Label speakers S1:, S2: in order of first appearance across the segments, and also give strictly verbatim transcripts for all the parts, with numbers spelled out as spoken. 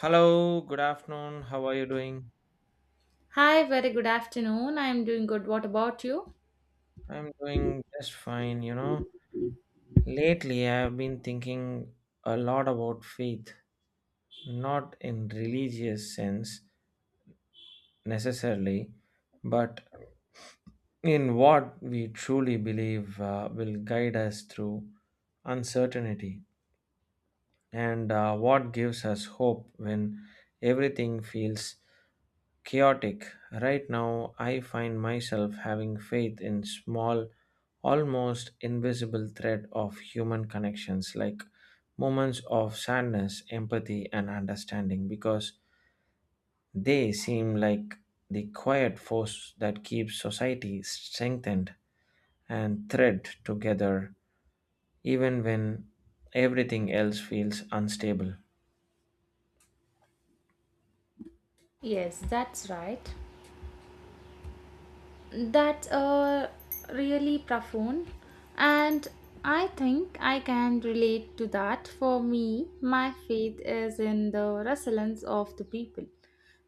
S1: Hello, good afternoon. How are you doing?
S2: Hi, very good afternoon. I'm doing good. What about you?
S1: I'm doing just fine, you know. Lately, I've been thinking a lot about faith, not in religious sense necessarily, but in what we truly believe uh, will guide us through uncertainty and uh, what gives us hope when everything feels chaotic. Right now, I find myself having faith in small, almost invisible thread of human connections like moments of sadness, empathy, and understanding because they seem like the quiet force that keeps society strengthened and thread together even when everything else feels unstable.
S2: Yes, that's right. That's uh, really profound, and I think I can relate to that. For me, my faith is in the resilience of the people.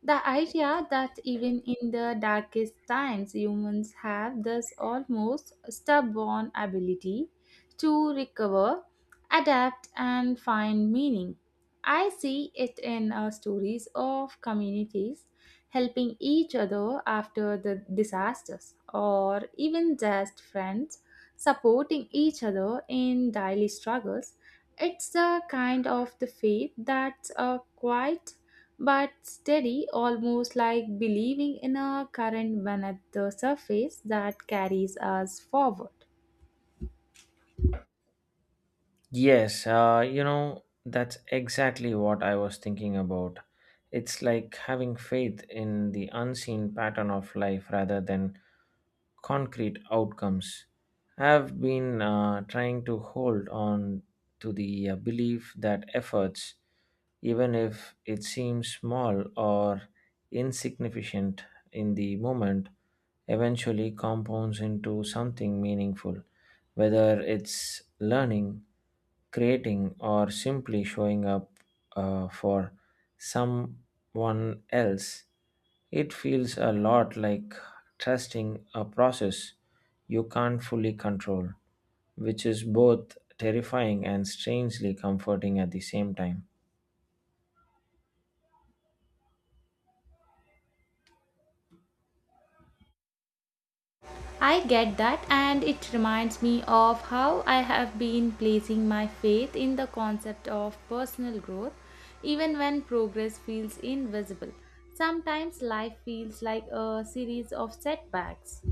S2: The idea that even in the darkest times, humans have this almost stubborn ability to recover, adapt, and find meaning. I see it in uh, stories of communities helping each other after the disasters, or even just friends supporting each other in daily struggles. It's the kind of the faith that's uh, quite but steady, almost like believing in a current beneath the surface that carries us forward.
S1: Yes, uh, you know, that's exactly what I was thinking about. It's like having faith in the unseen pattern of life rather than concrete outcomes. I've been uh, trying to hold on to the uh, belief that efforts even if it seems small or insignificant in the moment, eventually compounds into something meaningful, whether it's learning, creating, or simply showing up uh, for someone else. It feels a lot like trusting a process you can't fully control, which is both terrifying and strangely comforting at the same time.
S2: I get that, and it reminds me of how I have been placing my faith in the concept of personal growth, even when progress feels invisible. Sometimes life feels like a series of setbacks.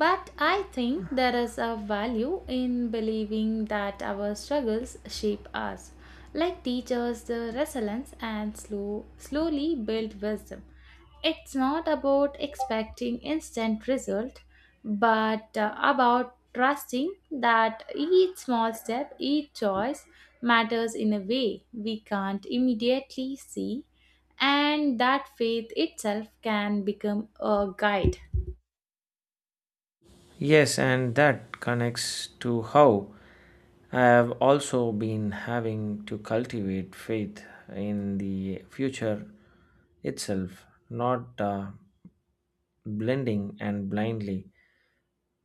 S2: But I think there is a value in believing that our struggles shape us, like teachers the resilience and slow, slowly build wisdom. It's not about expecting instant result, but uh, about trusting that each small step, each choice matters in a way we can't immediately see, and that faith itself can become a guide.
S1: Yes, and that connects to how I have also been having to cultivate faith in the future itself, not uh, blending and blindly,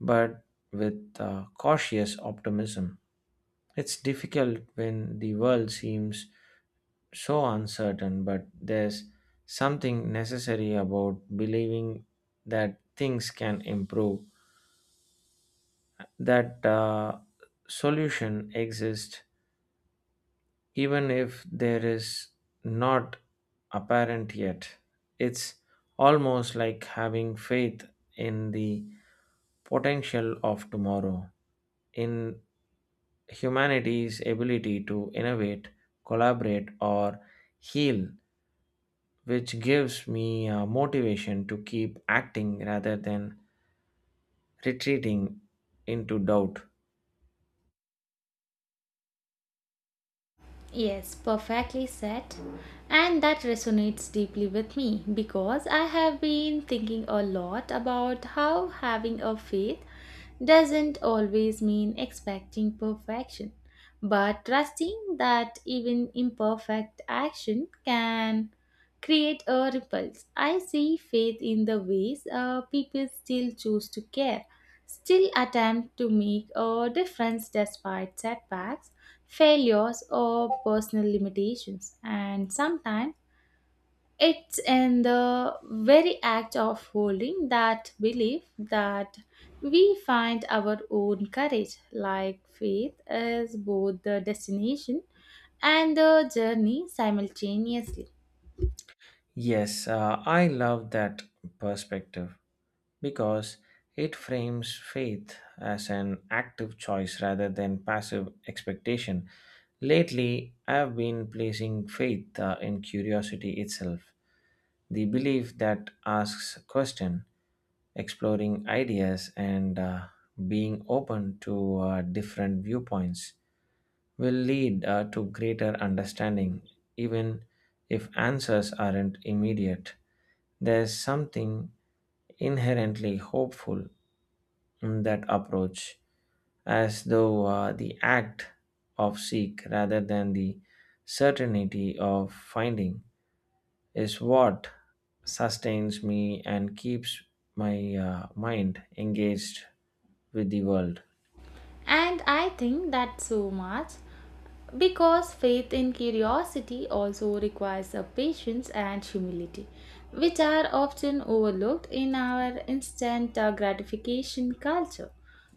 S1: but with uh, cautious optimism. It's difficult when the world seems so uncertain, but there's something necessary about believing that things can improve, that uh, solution exists even if there is not apparent yet. It's almost like having faith in the potential of tomorrow, in humanity's ability to innovate, collaborate, or heal, which gives me uh, motivation to keep acting rather than retreating into doubt.
S2: Yes, perfectly said. And that resonates deeply with me because I have been thinking a lot about how having a faith doesn't always mean expecting perfection, but trusting that even imperfect action can create a ripples. I see faith in the ways uh, people still choose to care, still attempt to make a difference despite setbacks failures or personal limitations, and sometimes it's in the very act of holding that belief that we find our own courage, like faith is both the destination and the journey simultaneously.
S1: Yes, uh, I love that perspective because it frames faith as an active choice rather than passive expectation. Lately, I've been placing faith uh, in curiosity itself, the belief that asks question, exploring ideas, and uh, being open to uh, different viewpoints will lead uh, to greater understanding, even if answers aren't immediate. There's something inherently hopeful mm, that approach, as though uh, the act of seek rather than the certainty of finding is what sustains me and keeps my uh, mind engaged with the world.
S2: And I think that so much because faith in curiosity also requires a patience and humility, which are often overlooked in our instant uh, gratification culture.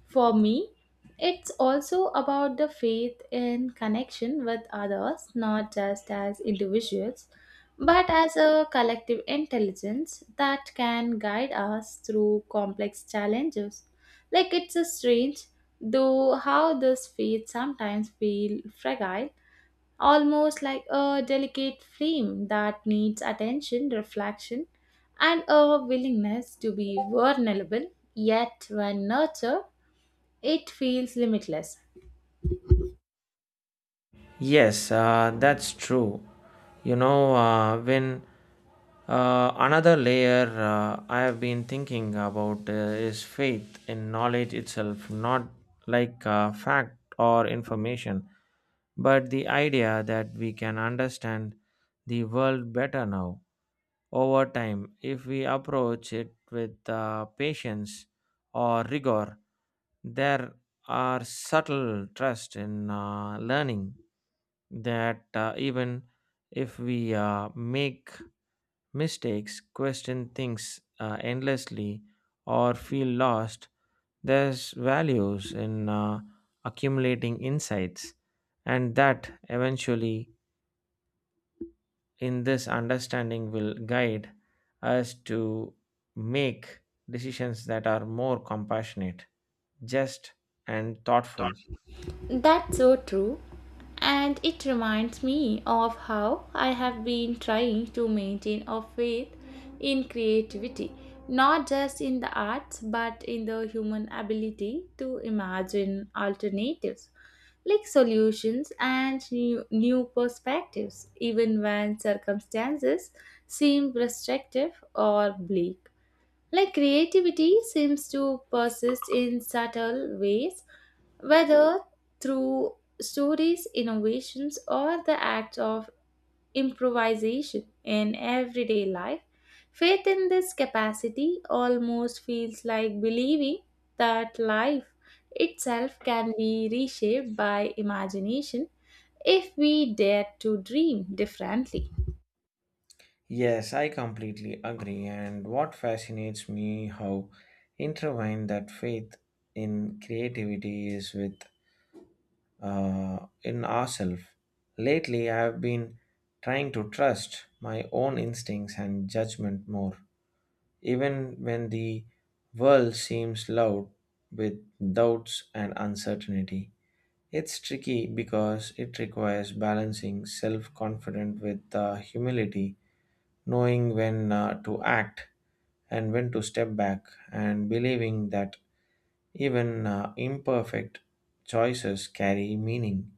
S2: For me, it's also about the faith in connection with others, not just as individuals, but as a collective intelligence that can guide us through complex challenges, like it's a strange, though, how this faith sometimes feel fragile, almost like a delicate flame that needs attention, reflection, and a willingness to be vulnerable. Yet, when nurtured, it feels limitless.
S1: Yes, uh, that's true. You know, uh, when uh, another layer uh, I have been thinking about uh, is faith in knowledge itself, not like uh, fact or information, but the idea that we can understand the world better now over time if we approach it with uh, patience or rigor, there our subtle trust in uh, learning that uh, even if we uh, make mistakes, question things uh, endlessly, or feel lost, there's values in uh, accumulating insights, and that eventually, in this understanding, will guide us to make decisions that are more compassionate, just, and thoughtful.
S2: That's so true. And it reminds me of how I have been trying to maintain a faith in creativity, not just in the arts, but in the human ability to imagine alternatives, like solutions and new, new perspectives, even when circumstances seem restrictive or bleak. Like creativity seems to persist in subtle ways, whether through stories, innovations, or the act of improvisation in everyday life. Faith in this capacity almost feels like believing that life itself can be reshaped by imagination if we dare to dream differently.
S1: Yes, I completely agree. And what fascinates me how intertwined that faith in creativity is with uh, in ourselves. Lately, I have been trying to trust my own instincts and judgment more, even when the world seems loud with doubts and uncertainty. It's tricky because it requires balancing self confidence with uh, humility, knowing when uh, to act and when to step back, and believing that even uh, imperfect choices carry meaning.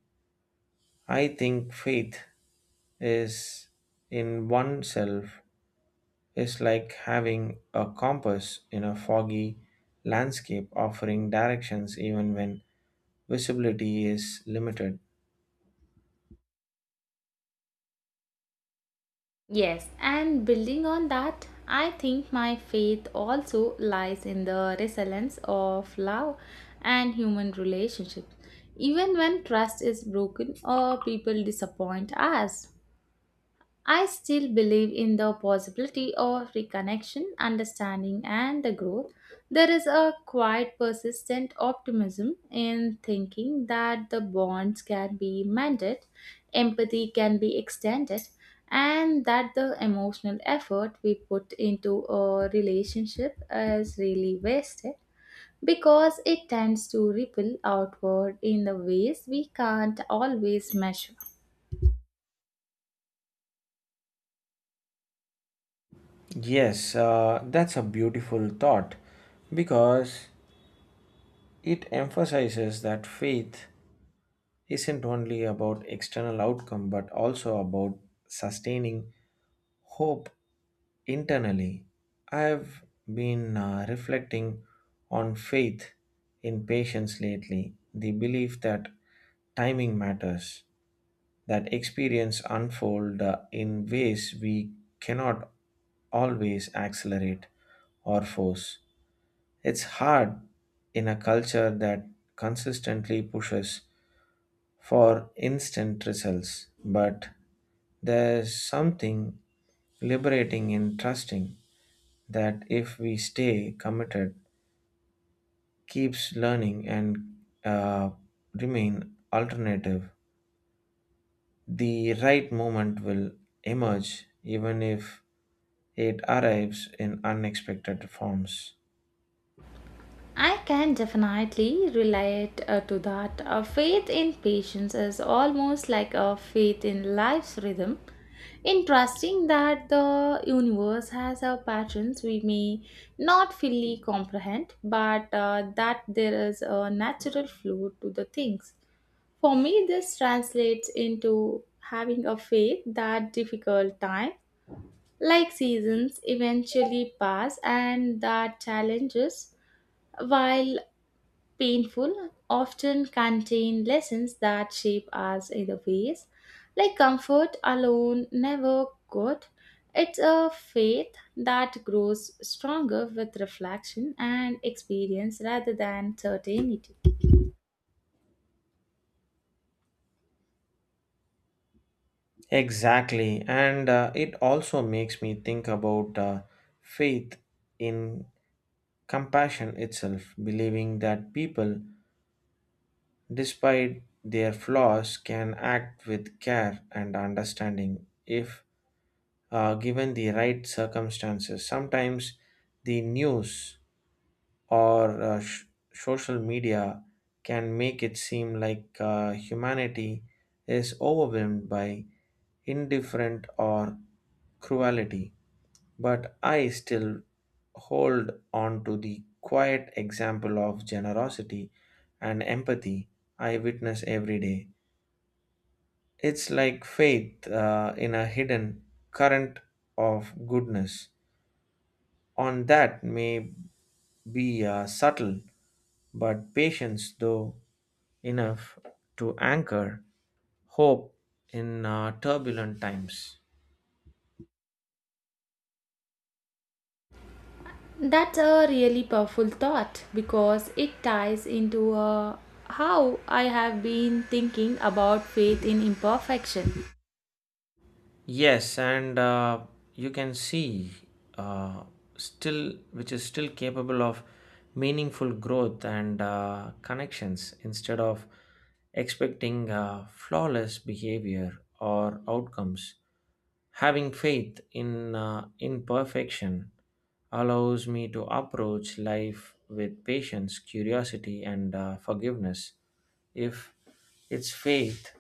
S1: I think faith is in oneself is like having a compass in a foggy landscape offering directions even when visibility is limited.
S2: Yes, and building on that, I think my faith also lies in the resilience of love and human relationships. Even when trust is broken or people disappoint us, I still believe in the possibility of reconnection, understanding, and the growth. There is a quiet, persistent optimism in thinking that the bonds can be mended, empathy can be extended, and that the emotional effort we put into a relationship is really wasted because it tends to ripple outward in the ways we can't always measure.
S1: Yes, uh, that's a beautiful thought because it emphasizes that faith isn't only about external outcome but also about sustaining hope internally. I've been uh, reflecting on faith in patience lately, the belief that timing matters, that experience unfold uh, in ways we cannot always accelerate or force. It's hard in a culture that consistently pushes for instant results, but there's something liberating in trusting that if we stay committed, keeps learning, and uh, remain alternative, the right moment will emerge even if it arrives in unexpected forms.
S2: I can definitely relate uh, to that. A faith in patience is almost like a faith in life's rhythm. In trusting that the universe has a patterns we may not fully comprehend, but uh, that there is a natural flow to the things. For me, this translates into having a faith that difficult time, like seasons, eventually pass and that challenges, while painful, often contain lessons that shape us either ways, like comfort alone never good. It's a faith that grows stronger with reflection and experience rather than certainty.
S1: Exactly, and uh, it also makes me think about uh, faith in compassion itself, believing that people despite their flaws, can act with care and understanding if uh, given the right circumstances. Sometimes the news or uh, sh- social media can make it seem like uh, humanity is overwhelmed by indifferent or cruelty, but I still hold on to the quiet example of generosity and empathy I witness every day. It's like faith uh, in a hidden current of goodness. On that may be uh, subtle, but patience, though, enough to anchor hope in uh, turbulent times.
S2: That's a really powerful thought because it ties into uh, how I have been thinking about faith in imperfection.
S1: Yes, and uh, you can see uh, still, which is still capable of meaningful growth and uh, connections instead of expecting uh, flawless behavior or outcomes. Having faith in uh, imperfection allows me to approach life with patience, curiosity, and uh, forgiveness. If it's faith,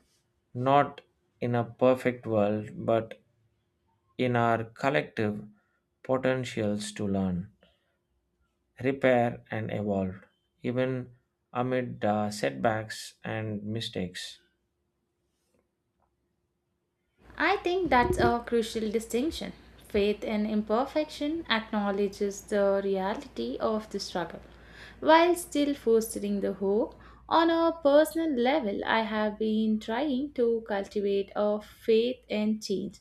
S1: not in a perfect world, but in our collective potentials to learn, repair, and evolve, even amid uh, setbacks and mistakes.
S2: I think that's a crucial distinction. Faith in imperfection acknowledges the reality of the struggle, while still fostering the hope. On a personal level, I have been trying to cultivate a faith in change,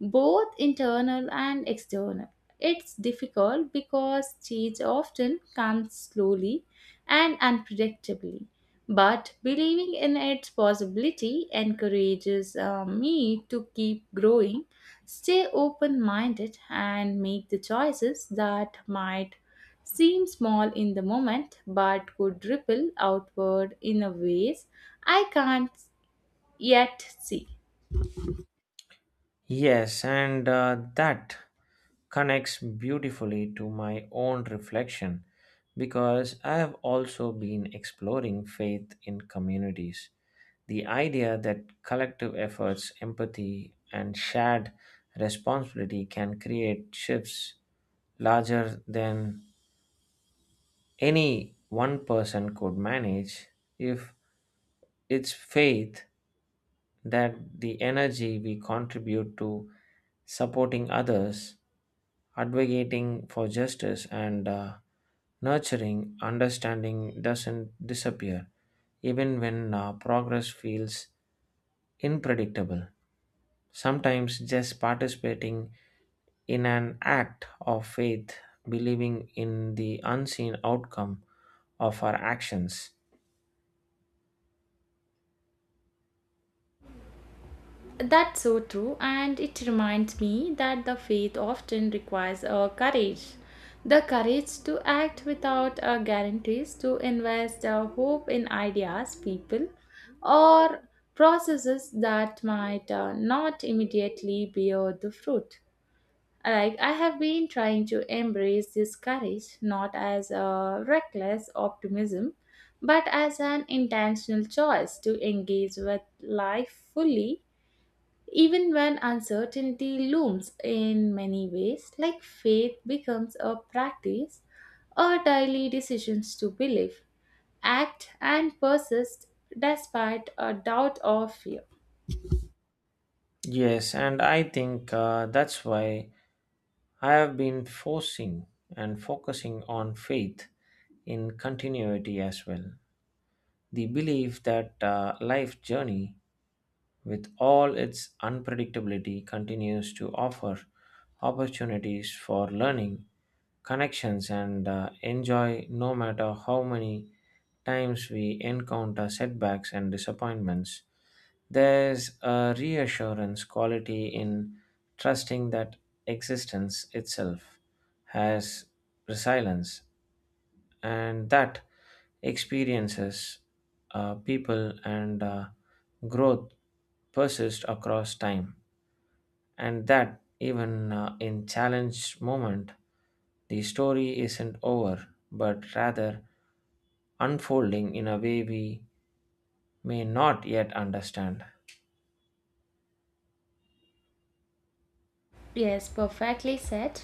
S2: both internal and external. It's difficult because change often comes slowly and unpredictably. But believing in its possibility encourages uh, me to keep growing, stay open minded, and make the choices that might seem small in the moment but could ripple outward in a ways I can't yet see.
S1: Yes, and uh, that connects beautifully to my own reflection because I have also been exploring faith in communities. The idea that collective efforts, empathy, and shared responsibility can create shifts larger than any one person could manage, if it's faith that the energy we contribute to supporting others, advocating for justice and uh, nurturing understanding doesn't disappear even when uh, progress feels unpredictable, sometimes just participating in an act of faith, believing in the unseen outcome of our actions.
S2: That's so true, and it reminds me that the faith often requires a courage. The courage to act without uh, guarantees, to invest uh, hope in ideas, people, or processes that might uh, not immediately bear the fruit. Like, I have been trying to embrace this courage not as a reckless optimism, but as an intentional choice to engage with life fully even when uncertainty looms in many ways, like faith becomes a practice or daily decisions to believe, act, and persist despite a doubt or fear.
S1: Yes and i think uh, that's why I have been forcing and focusing on faith in continuity as well. The belief that uh, life journey, with all its unpredictability, continues to offer opportunities for learning, connections, and uh, enjoy no matter how many times we encounter setbacks and disappointments. There's a reassurance quality in trusting that existence itself has resilience and that experiences, uh, people, and uh, growth persist across time, and that even uh, in challenged moment, the story isn't over, but rather unfolding in a way we may not yet understand.
S2: Yes, perfectly said.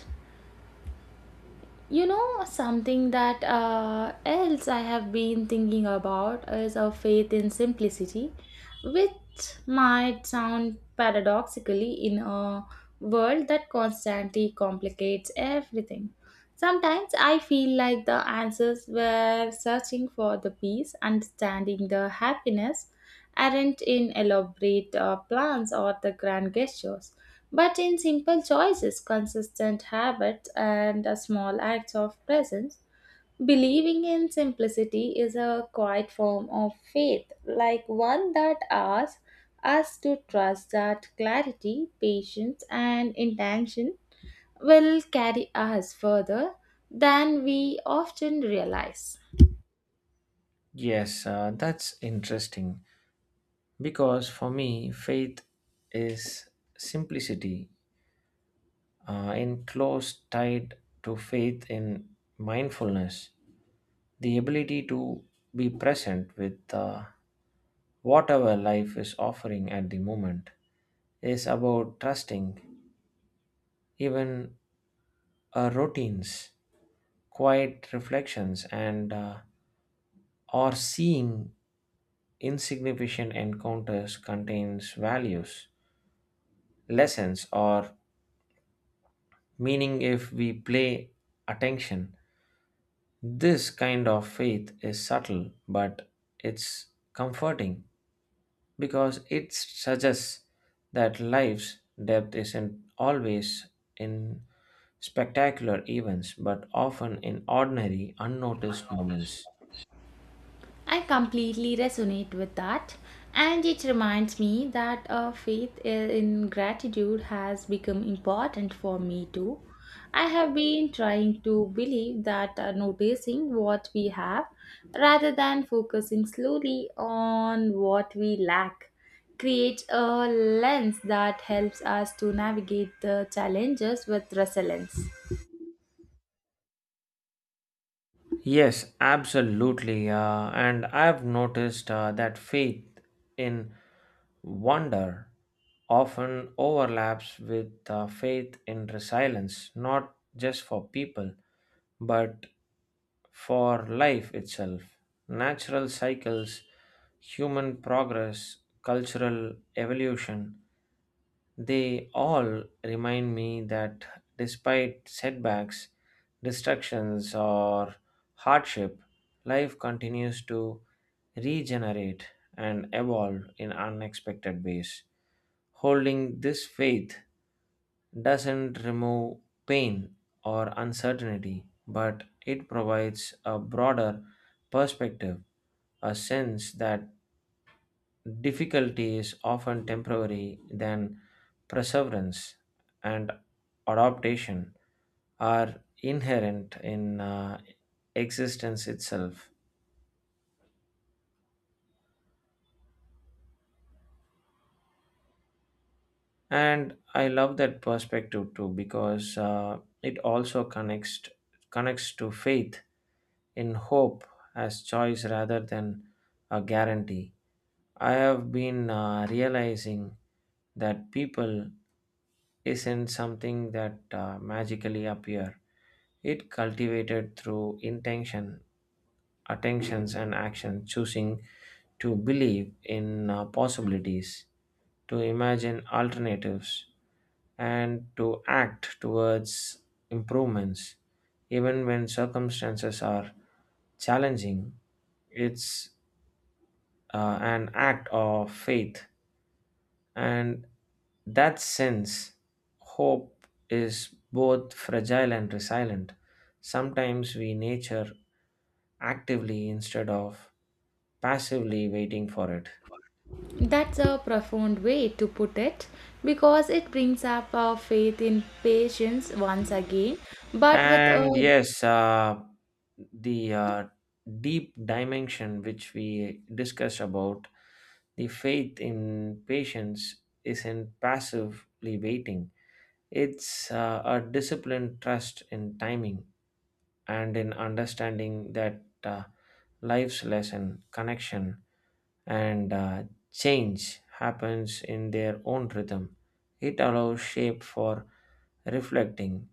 S2: You know, something that uh, else I have been thinking about is a faith in simplicity, which might sound paradoxically in a world that constantly complicates everything. Sometimes I feel like the answers we're searching for the peace, understanding the happiness, aren't in elaborate uh, plans or the grand gestures but in simple choices, consistent habits, and a small acts of presence, believing in simplicity is a quiet form of faith, like one that asks us to trust that clarity, patience, and intention will carry us further than we often realize.
S1: Yes, uh, that's interesting because for me, faith is simplicity uh, in close tied to faith in mindfulness. The ability to be present with uh, whatever life is offering at the moment is about trusting even uh, routines, quiet reflections, and uh, or seeing insignificant encounters contains values, lessons, or meaning if we play attention. This kind of faith is subtle, but it's comforting because it suggests that life's depth isn't always in spectacular events but often in ordinary, unnoticed moments.
S2: I completely resonate with that. And it reminds me that a faith uh, in gratitude has become important for me too. I have been trying to believe that uh, noticing what we have rather than focusing slowly on what we lack creates a lens that helps us to navigate the challenges with resilience.
S1: Yes, absolutely. Uh, and I've noticed uh, that faith in wonder often overlaps with uh, faith in resilience, not just for people, but for life itself. Natural cycles, human progress, cultural evolution. They all remind me that despite setbacks, distractions, or hardship, life continues to regenerate and evolve in unexpected ways. Holding this faith doesn't remove pain or uncertainty, but it provides a broader perspective, a sense that difficulty is often temporary, then perseverance and adaptation are inherent in uh, existence itself. And I love that perspective too because uh, it also connects connects to faith in hope as choice rather than a guarantee. I have been uh, realizing that people isn't something that uh, magically appear, it cultivated through intention, attentions and action, choosing to believe in uh, possibilities, to imagine alternatives, and to act towards improvements. Even when circumstances are challenging, it's uh, an act of faith. And that sense, hope is both fragile and resilient. Sometimes we nature actively instead of passively waiting for it.
S2: That's a profound way to put it because it brings up our faith in patience once again, but with a
S1: And yes, uh, the uh, deep dimension which we discussed about, the faith in patience isn't passively waiting, it's uh, a disciplined trust in timing and in understanding that uh, life's lesson connection and uh, change happens in their own rhythm. It allows shape for reflecting,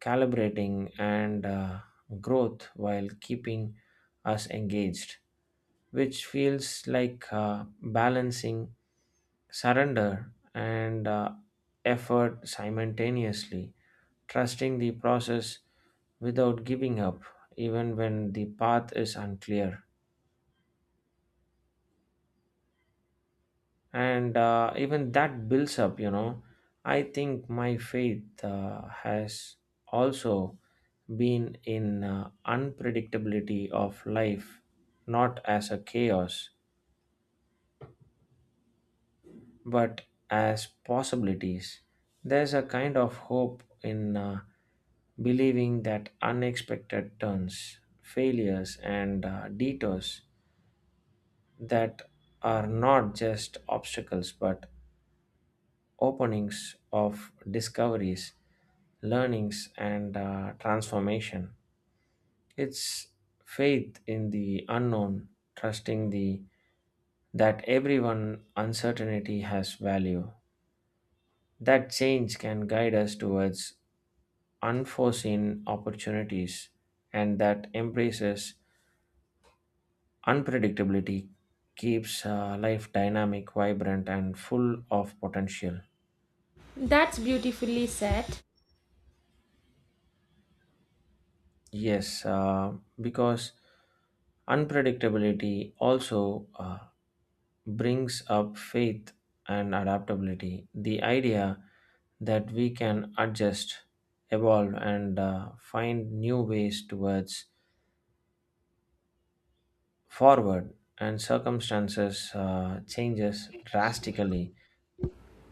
S1: calibrating, and uh, growth while keeping us engaged, which feels like uh, balancing surrender and uh, effort simultaneously, trusting the process without giving up, even when the path is unclear. and uh, even that builds up, you know I think my faith uh, has also been in uh, unpredictability of life, not as a chaos but as possibilities. There's a kind of hope in uh, believing that unexpected turns, failures and uh, detours that are not just obstacles but openings of discoveries, learnings, and uh, transformation. It's faith in the unknown, trusting the that everyone uncertainty has value. That change can guide us towards unforeseen opportunities, and that embraces unpredictability keeps uh, life dynamic, vibrant, and full of potential.
S2: that's beautifully said.
S1: Yes, uh, because unpredictability also uh, brings up faith and adaptability. The idea that we can adjust, evolve, and uh, find new ways towards forward, and circumstances uh, changes drastically.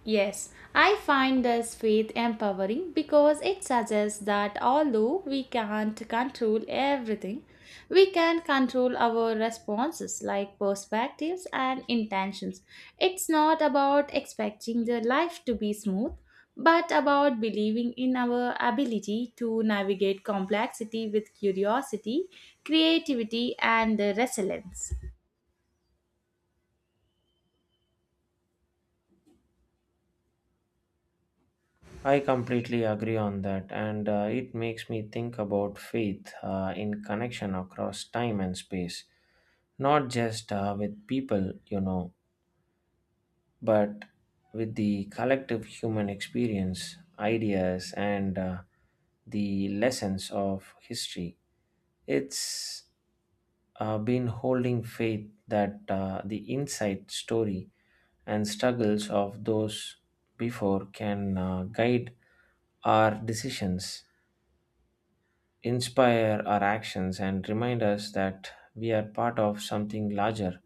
S2: Yes, I find this faith empowering because it suggests that although we can't control everything, we can control our responses like perspectives and intentions. It's not about expecting the life to be smooth, but about believing in our ability to navigate complexity with curiosity, creativity, and resilience.
S1: I completely agree on that, and uh, it makes me think about faith uh, in connection across time and space, not just uh, with people, you know, but with the collective human experience, ideas, and uh, the lessons of history. It's uh, been holding faith that uh, the inside story and struggles of those before can uh, guide our decisions, inspire our actions, and remind us that we are part of something larger.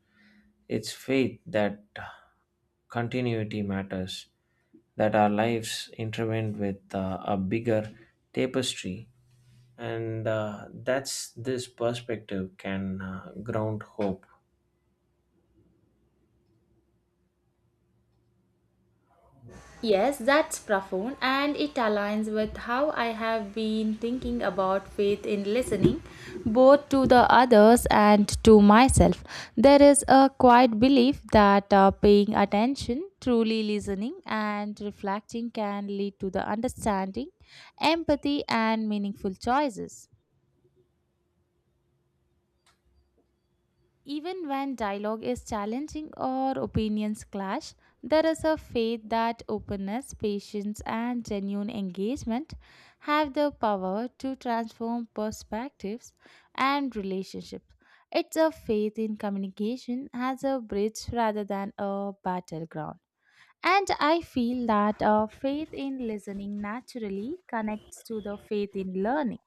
S1: It's faith that continuity matters, that our lives intertwined with uh, a bigger tapestry, and uh, that's this perspective can uh, ground hope.
S2: Yes, that's profound, and it aligns with how I have been thinking about faith in listening, both to the others and to myself. There is a quiet belief that uh, paying attention, truly listening, and reflecting can lead to the understanding, empathy, and meaningful choices. Even when dialogue is challenging or opinions clash, there is a faith that openness, patience, and genuine engagement have the power to transform perspectives and relationships. It's a faith in communication as a bridge rather than a battleground. And I feel that a faith in listening naturally connects to the faith in learning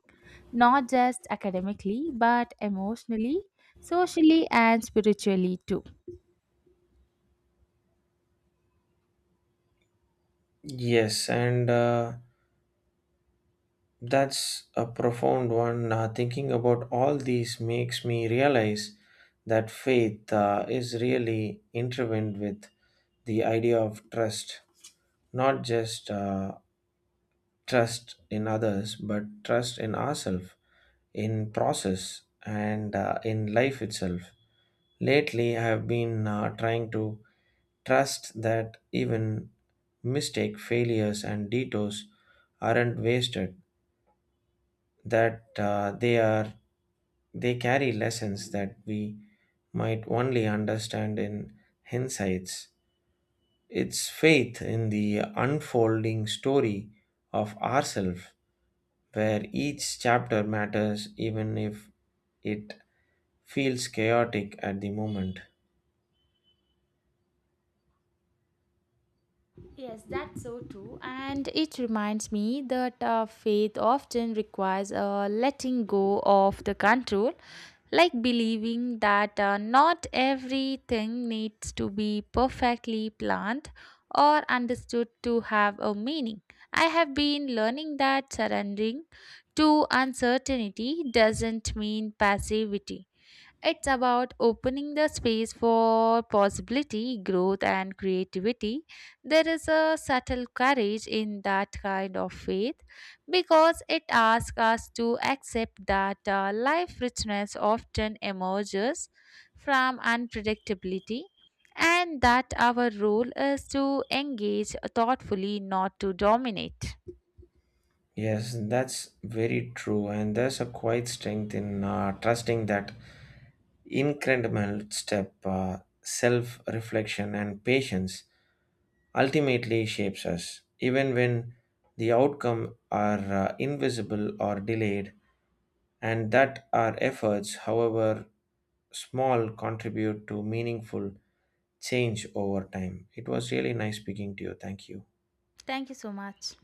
S2: not just academically, but emotionally, socially, and spiritually too.
S1: Yes, and uh, that's a profound one. Uh, thinking about all these makes me realize that faith uh, is really intertwined with the idea of trust, not just uh, trust in others, but trust in ourselves, in process, and uh, in life itself. Lately, I have been uh, trying to trust that even mistake, failures, and detours aren't wasted, that uh, they are they carry lessons that we might only understand in hindsights. It's faith in the unfolding story of ourself, where each chapter matters even if it feels chaotic at the moment.
S2: Yes, that's so true. And it reminds me that uh, faith often requires a letting go of the control, like believing that uh, not everything needs to be perfectly planned or understood to have a meaning. I have been learning that surrendering to uncertainty doesn't mean passivity. It's about opening the space for possibility, growth, and creativity. There is a subtle courage in that kind of faith because it asks us to accept that uh, life richness often emerges from unpredictability and that our role is to engage thoughtfully, not to dominate.
S1: Yes, that's very true, and there's a quiet strength in uh, trusting that incredible step, uh, self reflection, and patience ultimately shapes us, even when the outcome are uh, invisible or delayed, and that our efforts, however small, contribute to meaningful change over time. It was really nice speaking to you. Thank you.
S2: Thank you so much.